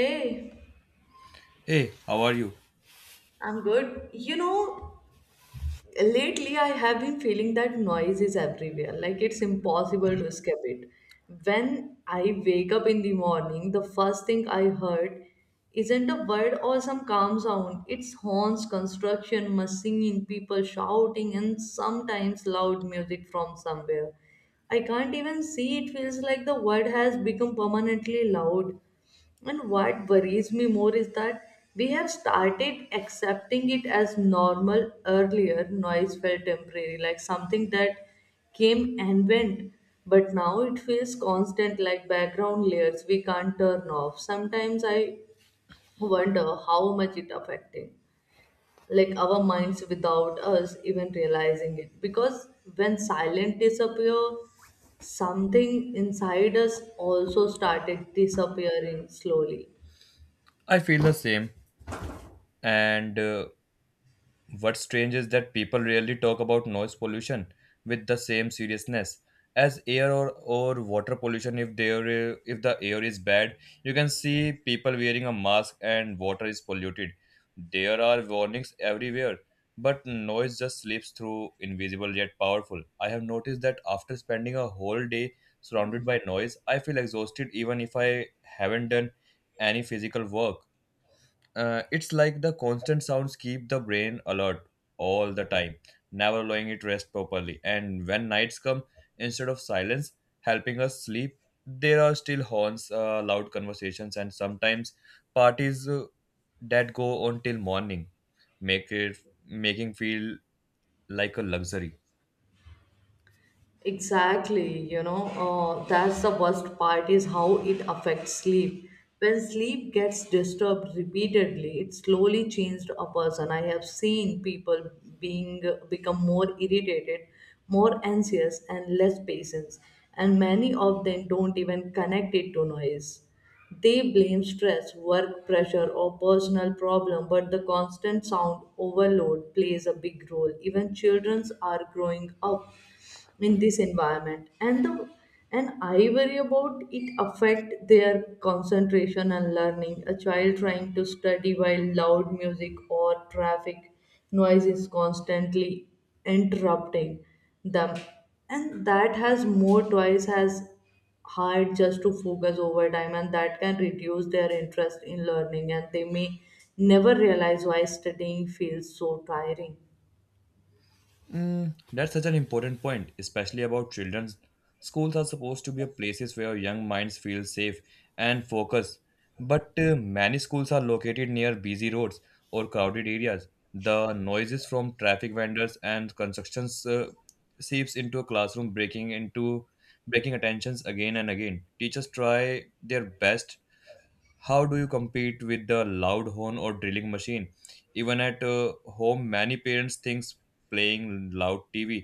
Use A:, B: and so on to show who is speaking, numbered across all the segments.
A: Hey,
B: Hey, how are you?
A: I'm good. You know, lately I have been feeling that noise is everywhere. Like it's impossible to escape it. When I wake up in the morning, the first thing I heard isn't a bird or some calm sound. It's horns, construction, machine, people shouting, and sometimes loud music from somewhere. I can't even see. It feels like the world has become permanently loud. And what worries me more is that we have started accepting it as normal earlier. Noise felt temporary, like something that came and went. But now it feels constant, like background layers we can't turn off. Sometimes I wonder how much it affecting like our minds without us even realizing it, because when silent disappear, something inside us also started disappearing slowly.
B: I feel the same. And What's strange is that people rarely talk about noise pollution with the same seriousness as air or water pollution. If there if the air is bad, you can see people wearing a mask and water is polluted. There are warnings everywhere, but noise just slips through, invisible yet powerful. I have noticed that after spending a whole day surrounded by noise, I feel exhausted even if I haven't done any physical work. It's like the constant sounds keep the brain alert all the time, never allowing it rest properly. And when nights come, instead of silence helping us sleep, there are still horns, loud conversations, and sometimes parties that go on till morning, make it making feel like a luxury.
A: Exactly, you know, that's the worst part is how it affects sleep. When sleep gets disturbed repeatedly, it slowly changes a person. I have seen people being become more irritated, more anxious, and less patience, and many of them don't even connect it to noise. They blame stress, work pressure, or personal problem, but the constant sound overload plays a big role. Even children are growing up in this environment, and the and I worry about it affect their concentration and learning. A child trying to study while loud music or traffic noise is constantly interrupting them, and that has more twice as hard just to focus over time, and that can reduce their interest in learning, and they may never realize why studying feels so tiring.
B: Mm, that's such an important point, especially about children. Schools are supposed to be a places where young minds feel safe and focused, but many schools are located near busy roads or crowded areas. The noises from traffic vendors and constructions seeps into a classroom, breaking attentions again and again. Teachers try their best how do you compete with the loud horn or drilling machine even at home, many parents think playing loud tv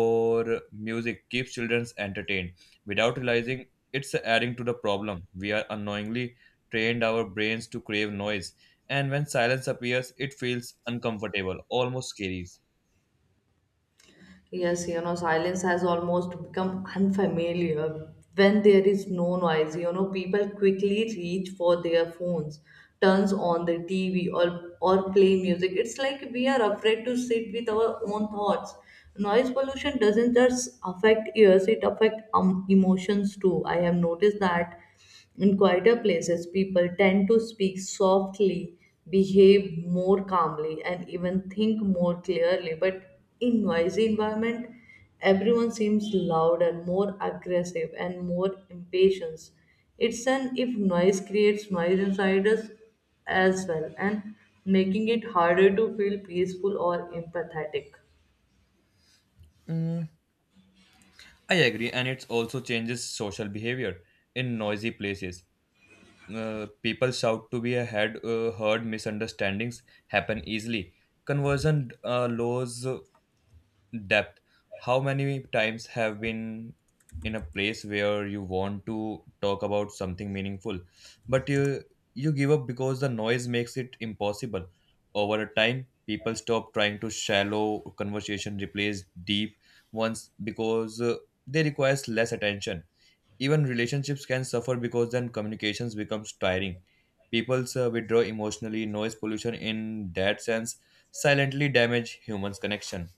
B: or music keeps children entertained without realizing it's adding to the problem. We are unknowingly trained our brains to crave noise, and when silence appears, it feels uncomfortable, almost scary.
A: Yes, you know, silence has almost become unfamiliar. When there is no noise, you know, people quickly reach for their phones, turns on the TV or play music. It's like we are afraid to sit with our own thoughts. Noise pollution doesn't just affect ears, it affects emotions too. I have noticed that in quieter places, people tend to speak softly, behave more calmly, and even think more clearly. But in noisy environment, everyone seems louder, more aggressive, and more impatient. It's an if noise creates noise inside us as well, and making it harder to feel peaceful or empathetic.
B: Mm, I agree, and it also changes social behavior in noisy places. People shout to be ahead, heard misunderstandings happen easily. Conversion lows depth. How many times have been in a place where you want to talk about something meaningful, but you give up because the noise makes it impossible. Over a time, people stop trying to shallow conversation, replace deep ones because they requires less attention. Even relationships can suffer because then communications becomes tiring. People withdraw emotionally. Noise pollution, in that sense, silently damage humans' connection.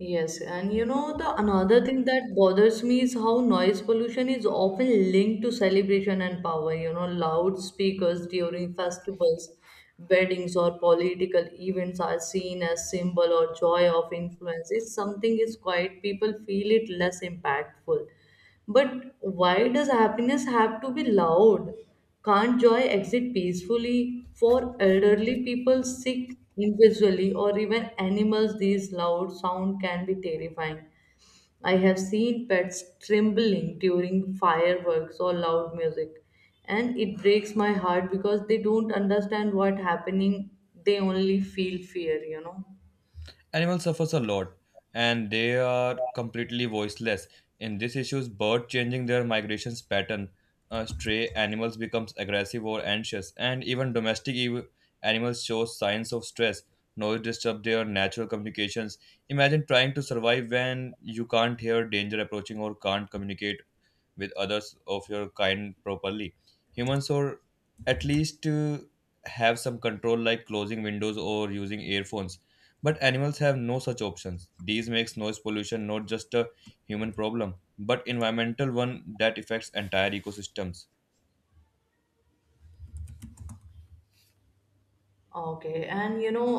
A: Yes, and you know the another thing that bothers me is how noise pollution is often linked to celebration and power. You know, loudspeakers during festivals, weddings, or political events are seen as symbol or joy of influence. If something is quiet, people feel it less impactful. But why does happiness have to be loud? Can't joy exit peacefully? For elderly people, sick individually, or even animals, these loud sound can be terrifying. I have seen pets trembling during fireworks or loud music, and it breaks my heart because they don't understand what happening. They only feel fear, you know.
B: Animals suffers a lot and they are completely voiceless. In this issues, bird changing their migrations pattern, stray animals becomes aggressive or anxious, and even animals show signs of stress. Noise disturb their natural communications. Imagine trying to survive when you can't hear danger approaching or can't communicate with others of your kind properly. Humans, or at least have some control like closing windows or using earphones. But animals have no such options. These makes noise pollution not just a human problem, but environmental one that affects entire ecosystems.
A: Okay, and you know,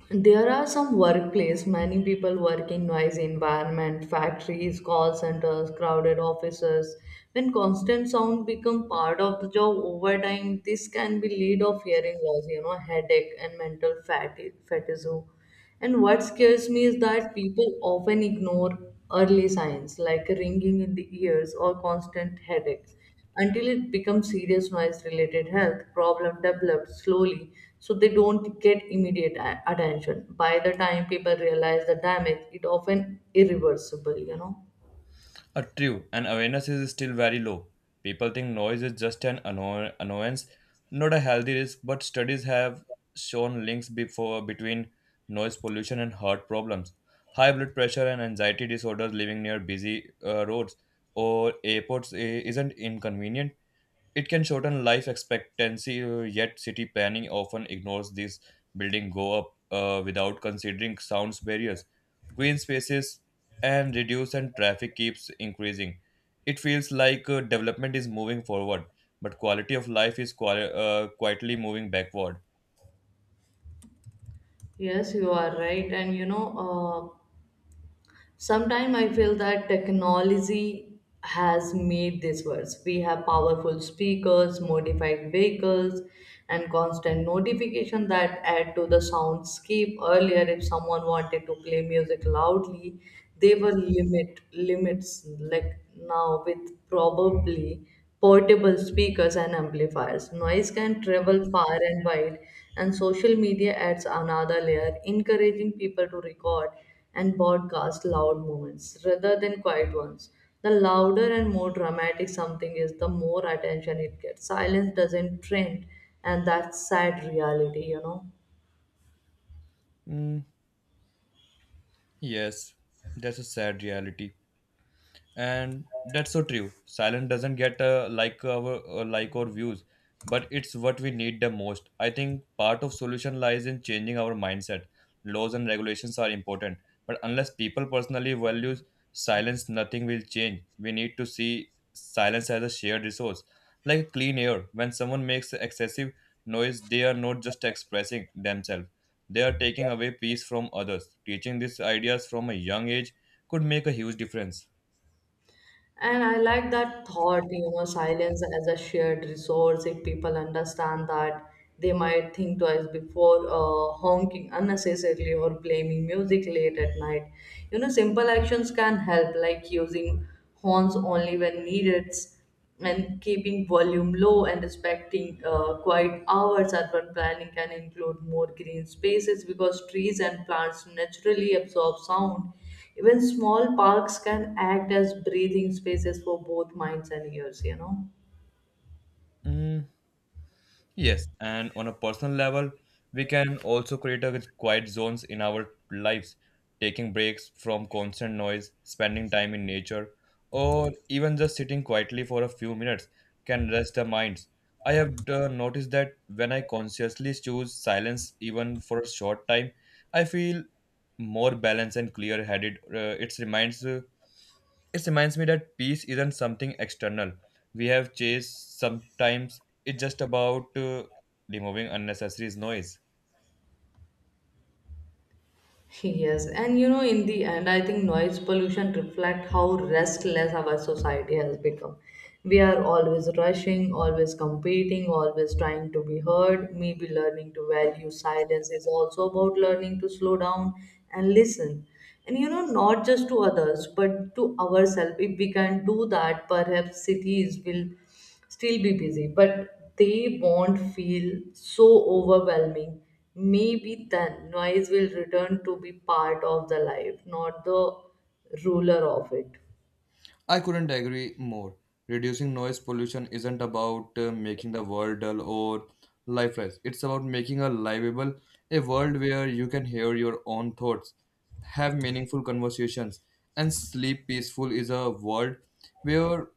A: there are some workplace, many people working noisy environment, factories, call centers, crowded offices. When constant sound become part of the job over time, this can be lead of hearing loss, you know, headache and mental fatigue. And what scares me is that people often ignore early signs like ringing in the ears or constant headaches until it becomes serious. Noise related health problem develops slowly, so they don't get immediate attention. By the time people realize the damage, it often irreversible, you know.
B: True, and awareness is still very low. People think noise is just an annoyance, not a healthy risk, but studies have shown links before between noise pollution and heart problems. High blood pressure and anxiety disorders living near busy roads or airports isn't inconvenient. It can shorten life expectancy, yet city planning often ignores this. Building go up without considering sounds barriers, green spaces, and reduce and traffic keeps increasing. It feels like development is moving forward, but quality of life is quietly moving backward.
A: Yes, you are right. And you know, sometimes I feel that technology has made this worse. We have powerful speakers, modified vehicles, and constant notification that add to the soundscape. Earlier, if someone wanted to play music loudly, they were limits, like now with probably portable speakers and amplifiers. Noise can travel far and wide, and social media adds another layer, encouraging people to record and broadcast loud moments rather than quiet ones. The louder and more dramatic something is, the more attention it gets. Silence doesn't trend, and that's sad reality, you know.
B: Mm, yes, that's a sad reality. And that's so true, silence doesn't get like our like or views, but it's what we need the most. I think part of solution lies in changing our mindset. Laws and regulations are important, but unless people personally value silence, nothing will change. We need to see silence as a shared resource, like clean air. When someone makes excessive noise, they are not just expressing themselves, they are taking away peace from others. Teaching these ideas from a young age could make a huge difference.
A: And I like that thought, you know, silence as a shared resource. If people understand that, they might think twice before honking unnecessarily or blaming music late at night. You know, simple actions can help, like using horns only when needed and keeping volume low and respecting quiet hours. Urban planning can include more green spaces because trees and plants naturally absorb sound. Even small parks can act as breathing spaces for both minds and ears, you know.
B: Mm, yes, and on a personal level, we can also create a quiet zones in our lives, taking breaks from constant noise, spending time in nature, or even just sitting quietly for a few minutes can rest our minds. I have noticed that when I consciously choose silence, even for a short time, I feel more balanced and clear-headed. It reminds me that peace isn't something external. We have chased sometimes. It's just about removing unnecessary noise.
A: Yes, and you know, in the end, I think noise pollution reflect how restless our society has become. We are always rushing, always competing, always trying to be heard. Maybe learning to value silence is also about learning to slow down and listen. And you know, not just to others, but to ourselves. If we can do that, perhaps cities will still be busy, but they won't feel so overwhelming. Maybe then noise will return to be part of the life, not the ruler of it.
B: I couldn't agree more. Reducing noise pollution isn't about making the world dull or lifeless. It's about making a livable, a world where you can hear your own thoughts, have meaningful conversations, and sleep peaceful is a world where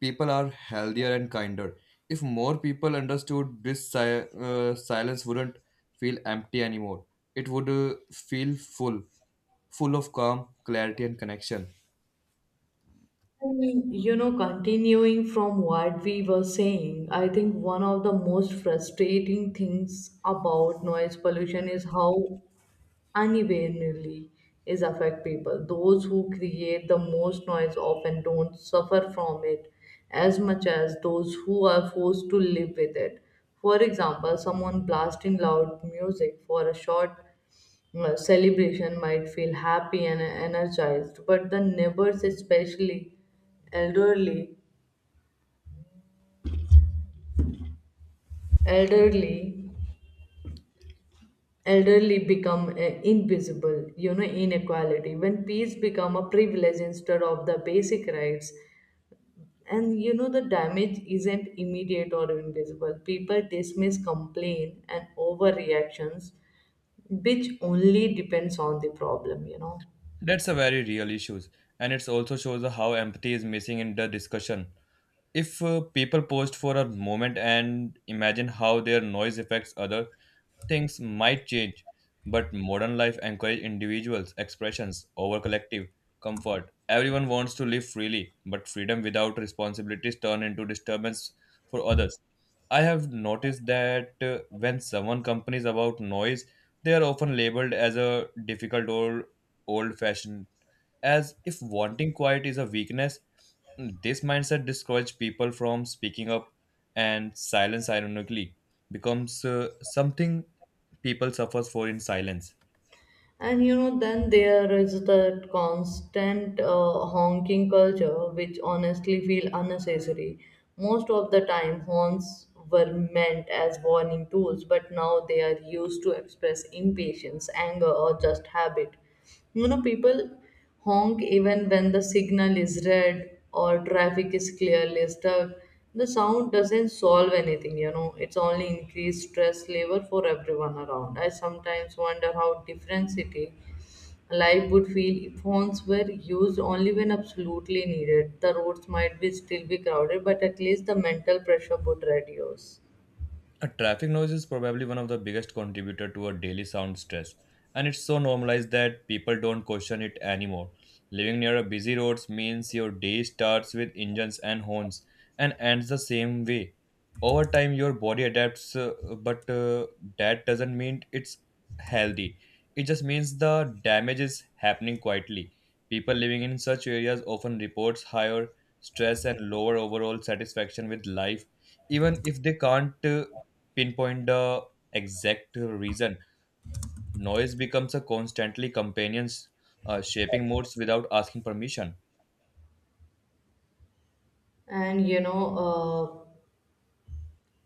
B: people are healthier and kinder. If more people understood this, silence wouldn't feel empty anymore. It would feel full, full of calm, clarity, and connection.
A: And, you know, continuing from what we were saying, I think one of the most frustrating things about noise pollution is how unevenly is affect people. Those who create the most noise often don't suffer from it as much as those who are forced to live with it. For example, someone blasting loud music for a short celebration might feel happy and energized, but the neighbors, especially elderly, elderly elderly become invisible, you know. Inequality when peace become a privilege instead of the basic rights, and you know the damage isn't immediate or invisible. People dismiss complaint and overreactions, which only depends on the problem, you know.
B: That's a very real issue, and it also shows how empathy is missing in the discussion. If people post for a moment and imagine how their noise affects other, things might change, but modern life encourages individuals' expressions over collective comfort. Everyone wants to live freely, but freedom without responsibilities turn into disturbance for others. I have noticed that when someone complains about noise, they are often labeled as a difficult or old-fashioned, as if wanting quiet is a weakness. This mindset discourages people from speaking up, and silence, ironically, becomes something people suffers for in silence.
A: And you know then there is the constant honking culture, which honestly feel unnecessary. Most of the time horns were meant as warning tools, but now they are used to express impatience, anger, or just habit. You know, people honk even when the signal is red or traffic is clearly stuck. The sound doesn't solve anything, you know, it's only increased stress level for everyone around. I sometimes wonder how different city life would feel if horns were used only when absolutely needed. The roads might be still be crowded, but at least the mental pressure would reduce.
B: A traffic noise is probably one of the biggest contributor to our daily sound stress, and it's so normalized that people don't question it anymore. Living near a busy roads means your day starts with engines and horns and ends the same way. Over time, your body adapts, but that doesn't mean it's healthy. It just means the damage is happening quietly. People living in such areas often reports higher stress and lower overall satisfaction with life, even if they can't pinpoint the exact reason, noise becomes a constantly companions, shaping moods without asking permission.
A: And you know,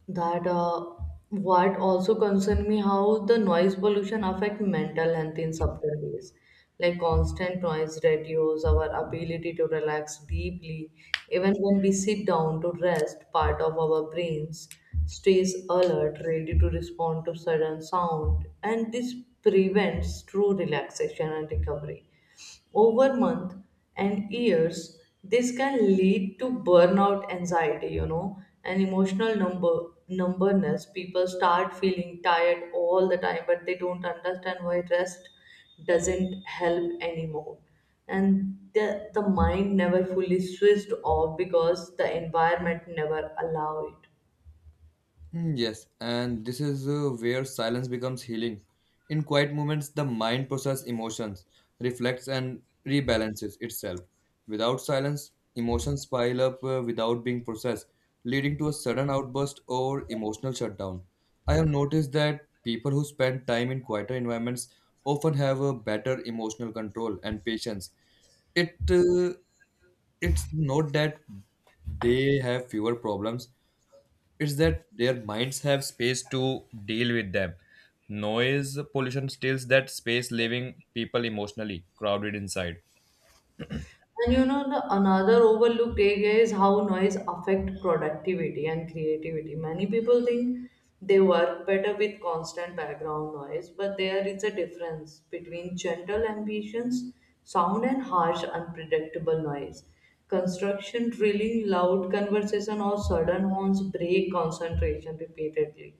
A: that what also concern me how the noise pollution affect mental health in subtle ways. Like constant noise reduces our ability to relax deeply. Even when we sit down to rest, part of our brains stays alert, ready to respond to sudden sound, and this prevents true relaxation and recovery. Over months and years, this can lead to burnout, anxiety, you know, and emotional numberness. People start feeling tired all the time, but they don't understand why. Rest doesn't help anymore, and the mind never fully switched off because the environment never allow it.
B: Mm, yes, and this is where silence becomes healing. In quiet moments, the mind processes emotions, reflects, and rebalances itself. Without silence, emotions pile up without being processed, leading to a sudden outburst or emotional shutdown. I have noticed that people who spend time in quieter environments often have a better emotional control and patience. It uh, it's not that they have fewer problems, it's that their minds have space to deal with them. Noise pollution steals that space, leaving people emotionally crowded inside.
A: And you know, the another overlooked area is how noise affect productivity and creativity. Many people think they work better with constant background noise, but there is a difference between gentle ambitions, sound and harsh, unpredictable noise. Construction drilling, loud conversation, or sudden horns break concentration repeatedly.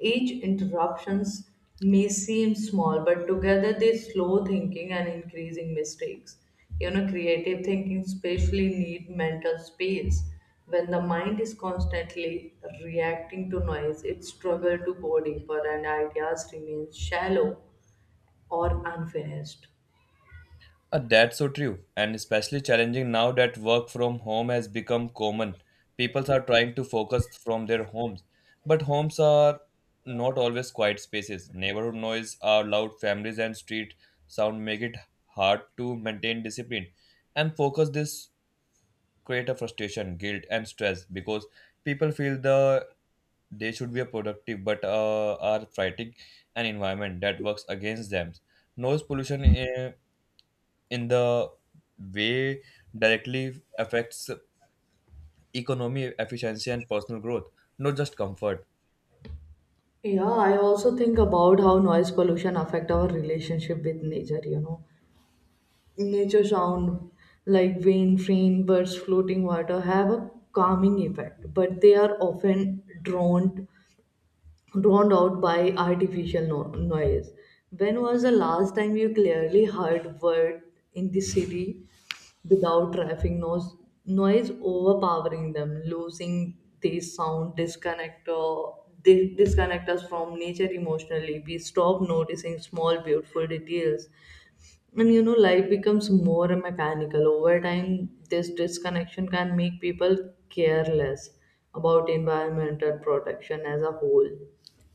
A: Each interruptions may seem small, but together they slow thinking and increasing mistakes. You know, creative thinking especially need mental space. When the mind is constantly reacting to noise, it struggles to go deeper and ideas remain shallow or unfinished.
B: That's so true, and especially challenging now that work from home has become common. People are trying to focus from their homes, but homes are not always quiet spaces. Neighborhood noise are loud, families and street sound make it hard to maintain discipline and focus. This create a frustration, guilt, and stress because people feel the they should be a productive but are fighting an environment that works against them. Noise pollution in the way directly affects economy, efficiency, and personal growth, not just comfort.
A: Yeah, I also think about how noise pollution affect our relationship with nature, you know. Nature sound like wind, rain, birds, floating water have a calming effect, but they are often drowned out by artificial noise. When was the last time you clearly heard word in the city without traffic noise overpowering them, losing this sound disconnect or disconnect us from nature emotionally. We stop noticing small beautiful details, and you know, life becomes more mechanical. Over time, this disconnection can make people careless about environmental protection as a whole.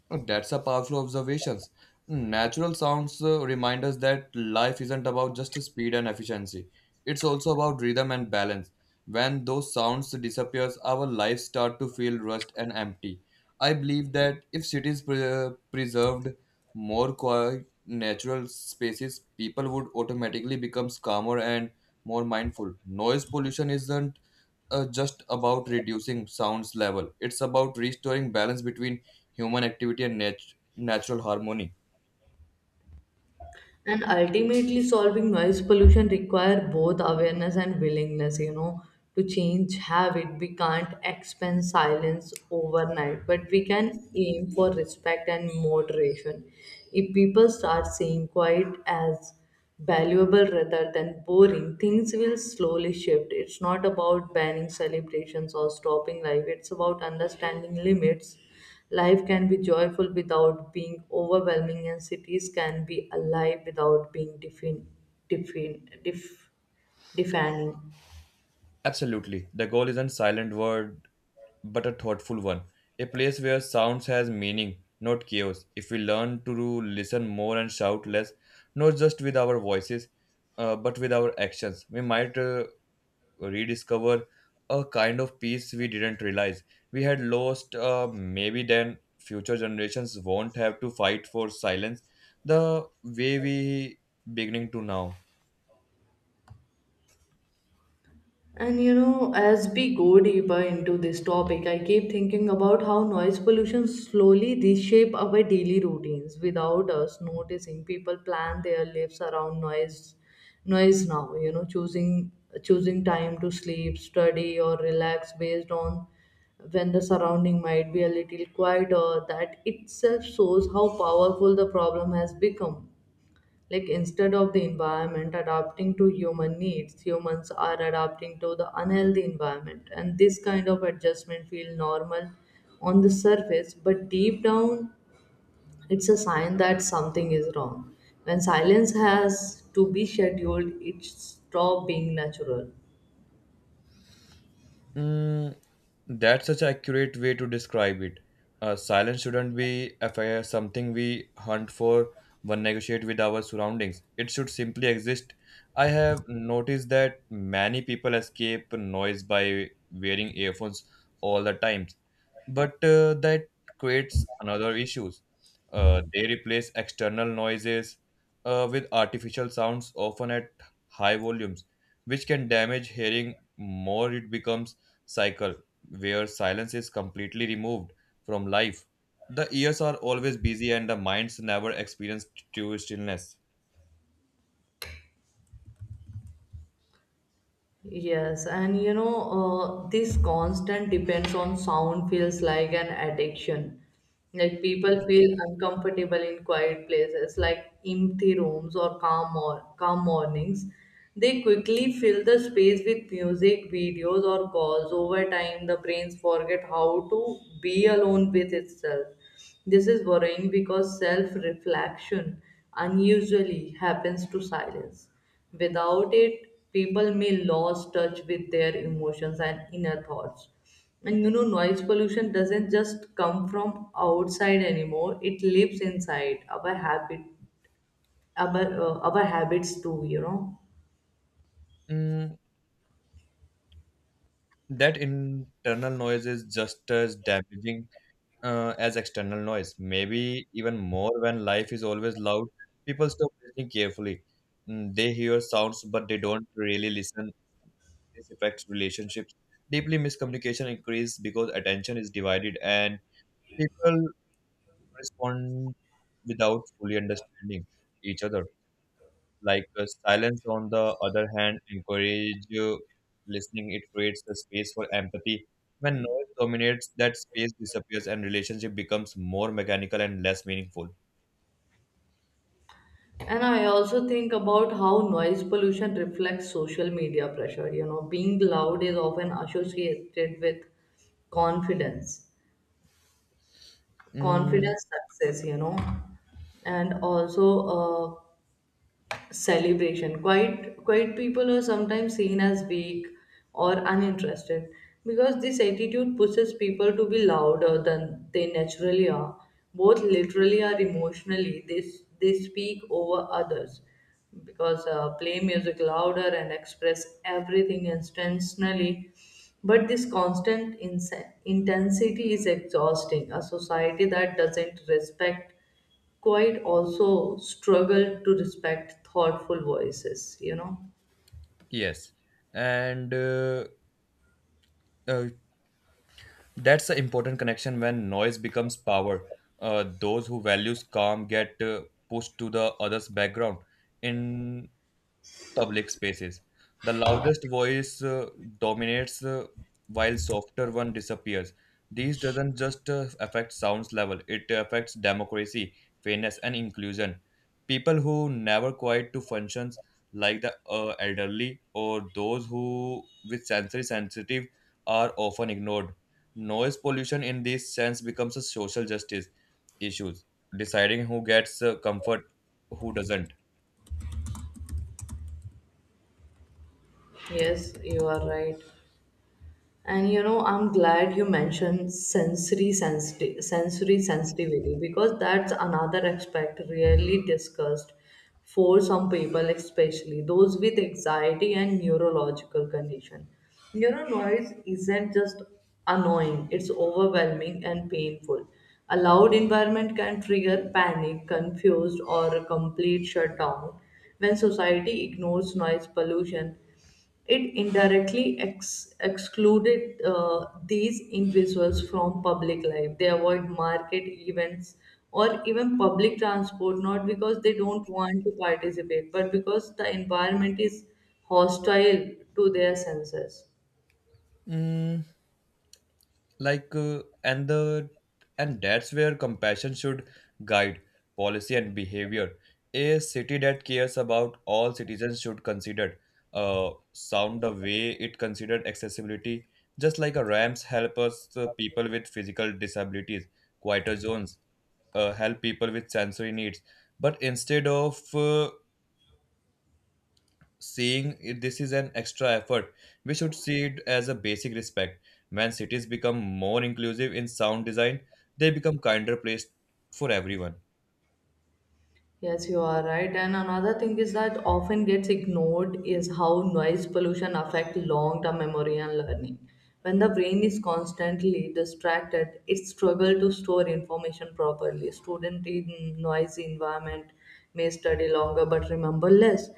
B: Oh, that's a powerful observation. Natural sounds remind us that life isn't about just speed and efficiency. It's also about rhythm and balance. When those sounds disappears, our lives start to feel rushed and empty. I believe that if cities preserved more quiet natural spaces, people would automatically become calmer and more mindful. Noise pollution isn't just about reducing sounds level. It's about restoring balance between human activity and natural harmony.
A: And ultimately solving noise pollution require both awareness and willingness, you know, to change habit. We can't expand silence overnight, but we can aim for respect and moderation. If people start seeing quiet as valuable rather than boring, things will slowly shift. It's not about banning celebrations or stopping life, it's about understanding limits. Life can be joyful without being overwhelming, and cities can be alive without being defin- def- defining.
B: Absolutely. The goal isn't silent word but a thoughtful one. A place where sounds has meaning, not chaos. If we learn to listen more and shout less, not just with our voices, but with our actions, we might rediscover a kind of peace we didn't realize we had lost. Maybe then future generations won't have to fight for silence the way we beginning to now.
A: And you know, as we go deeper into this topic, I keep thinking about how noise pollution slowly reshape our daily routines without us noticing. People plan their lives around noise now, you know, choosing time to sleep, study or relax based on when the surrounding might be a little quieter. That itself shows how powerful the problem has become. Like instead of the environment adapting to human needs, humans are adapting to the unhealthy environment, and this kind of adjustment feel normal on the surface, but deep down it's a sign that something is wrong. When silence has to be scheduled, it stop being natural.
B: Mm, that's such an accurate way to describe it. Silence shouldn't be a something we hunt for or negotiate with our surroundings. It should simply exist. I have noticed that many people escape noise by wearing earphones all the time, but that creates another issues. They replace external noises with artificial sounds, often at high volumes, which can damage hearing. More it becomes cycle where silence is completely removed from life. The ears are always busy and the minds never experience true stillness.
A: Yes, and you know, this constant depends on sound feels like an addiction. Like people feel uncomfortable in quiet places, like empty rooms or calm mornings. They quickly fill the space with music, videos, or calls. Over time, the brains forget how to be alone with itself. This is worrying because self reflection unusually happens to silence. Without it, people may lose touch with their emotions and inner thoughts. And noise pollution doesn't just come from outside anymore, it lives inside our habit, our habits too.
B: Mm, that internal noise is just as damaging as external noise, maybe even more when life is always loud. People stop listening carefully. Mm, they hear sounds, but they don't really listen. This affects relationships. Deeply miscommunication increases because attention is divided and people respond without fully understanding each other. Like silence, on the other hand, encourage listening. It creates a space for empathy. When noise dominates, that space disappears and relationship becomes more mechanical and less meaningful.
A: And I also think about how noise pollution reflects social media pressure. Being loud is often associated with confidence
B: Mm,
A: confidence, success, and also celebration. Quiet people are sometimes seen as weak or uninterested because this attitude pushes people to be louder than they naturally are, both literally and emotionally. They speak over others because play music louder and express everything intentionally. But this constant intensity is exhausting. A society that doesn't respect quiet also struggle to respect thoughtful voices.
B: yes, and uh, uh, that's the important connection when noise becomes power. Those who values calm get pushed to the other's background. In public spaces. The loudest voice dominates while softer one disappears. This doesn't just affect sounds level, it affects democracy, fairness and inclusion. People who never quiet to functions like the elderly or those who with sensory sensitive are often ignored. Noise pollution in this sense becomes a social justice issues, deciding who gets comfort, who doesn't.
A: Yes, you are right. And I'm glad you mentioned sensory sensitivity because that's another aspect rarely discussed for some people, especially those with anxiety and neurological condition. Noise isn't just annoying, it's overwhelming and painful. A loud environment can trigger panic, confused, or a complete shutdown when society ignores noise pollution. It indirectly excluded these individuals from public life. They avoid market events or even public transport, not because they don't want to participate, but because the environment is hostile to their senses.
B: Mm, like uh, and the and that's where compassion should guide policy and behavior. A city that cares about all citizens should consider sound the way it considered accessibility. Just like a ramps help us people with physical disabilities, quieter zones help people with sensory needs, but instead of seeing it, this is an extra effort, we should see it as a basic respect. When cities become more inclusive in sound design, they become kinder place for everyone.
A: Yes, you are right. And another thing is that often gets ignored is how noise pollution affect long-term memory and learning. When the brain is constantly distracted, it struggles to store information properly. Student in noisy environment may study longer but remember less,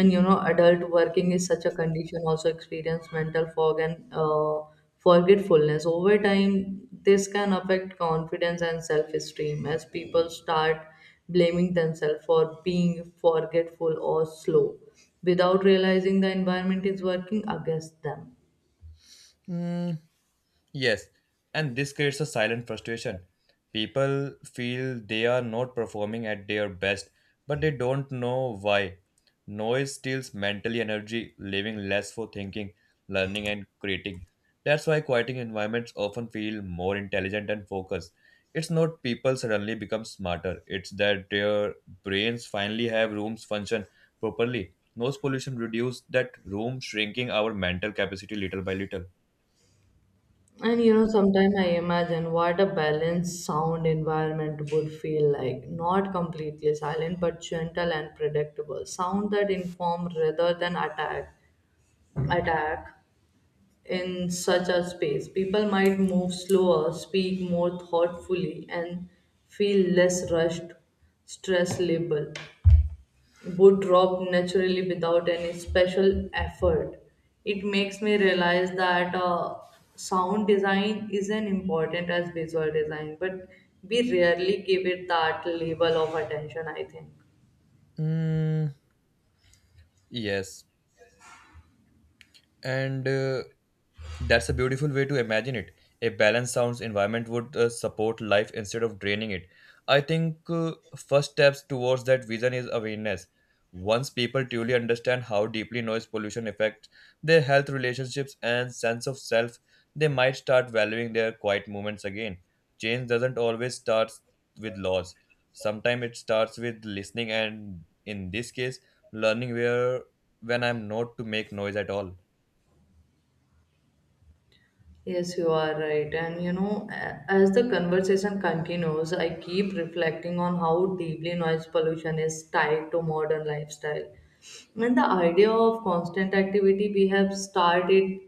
A: and adult working is such a condition also experience mental fog and forgetfulness over time. This can affect confidence and self-esteem as people start blaming themselves for being forgetful or slow without realizing the environment is working against them.
B: Hmm. Yes, and this creates a silent frustration. People feel they are not performing at their best, but they don't know why. Noise steals mental energy, leaving less for thinking, learning, and creating. That's why quieting environments often feel more intelligent and focused. It's not people suddenly become smarter, it's that their brains finally have rooms function properly. Noise pollution reduces that room, shrinking our mental capacity little by little.
A: And sometimes I imagine what a balanced sound environment would feel like. Not completely silent, but gentle and predictable. Sound that inform rather than attack. Attack in such a space. People might move slower, speak more thoughtfully, and feel less rushed, stress label would drop naturally without any special effort. It makes me realize that sound design isn't important as visual design, but we rarely give it that level of attention, I think.
B: Mm, yes, and that's a beautiful way to imagine it. A balanced sounds environment would support life instead of draining it. I think first steps towards that vision is awareness. Once people truly understand how deeply noise pollution affects their health, relationships and sense of self, they might start valuing their quiet moments again. Change doesn't always start with laws, sometimes it starts with listening, and in this case, learning where when I'm not to make noise at all.
A: Yes, you are right. And as the conversation continues, I keep reflecting on how deeply noise pollution is tied to modern lifestyle. And the idea of constant activity we have started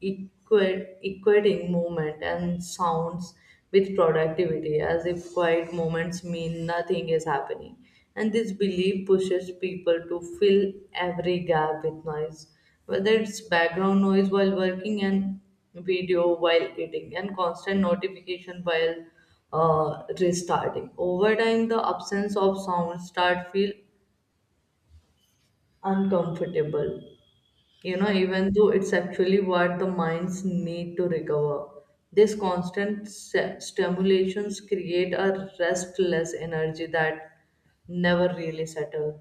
A: equating movement and sounds with productivity, as if quiet moments mean nothing is happening. And this belief pushes people to fill every gap with noise, whether it's background noise while working and video while eating, and constant notification while restarting. Over time, the absence of sound start feel uncomfortable, even though it's actually what the minds need to recover. This constant stimulations create a restless energy that never really settles.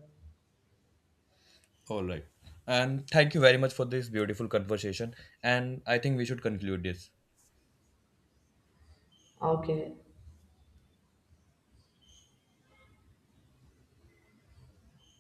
B: All right. And thank you very much for this beautiful conversation. And I think we should conclude this.
A: Okay.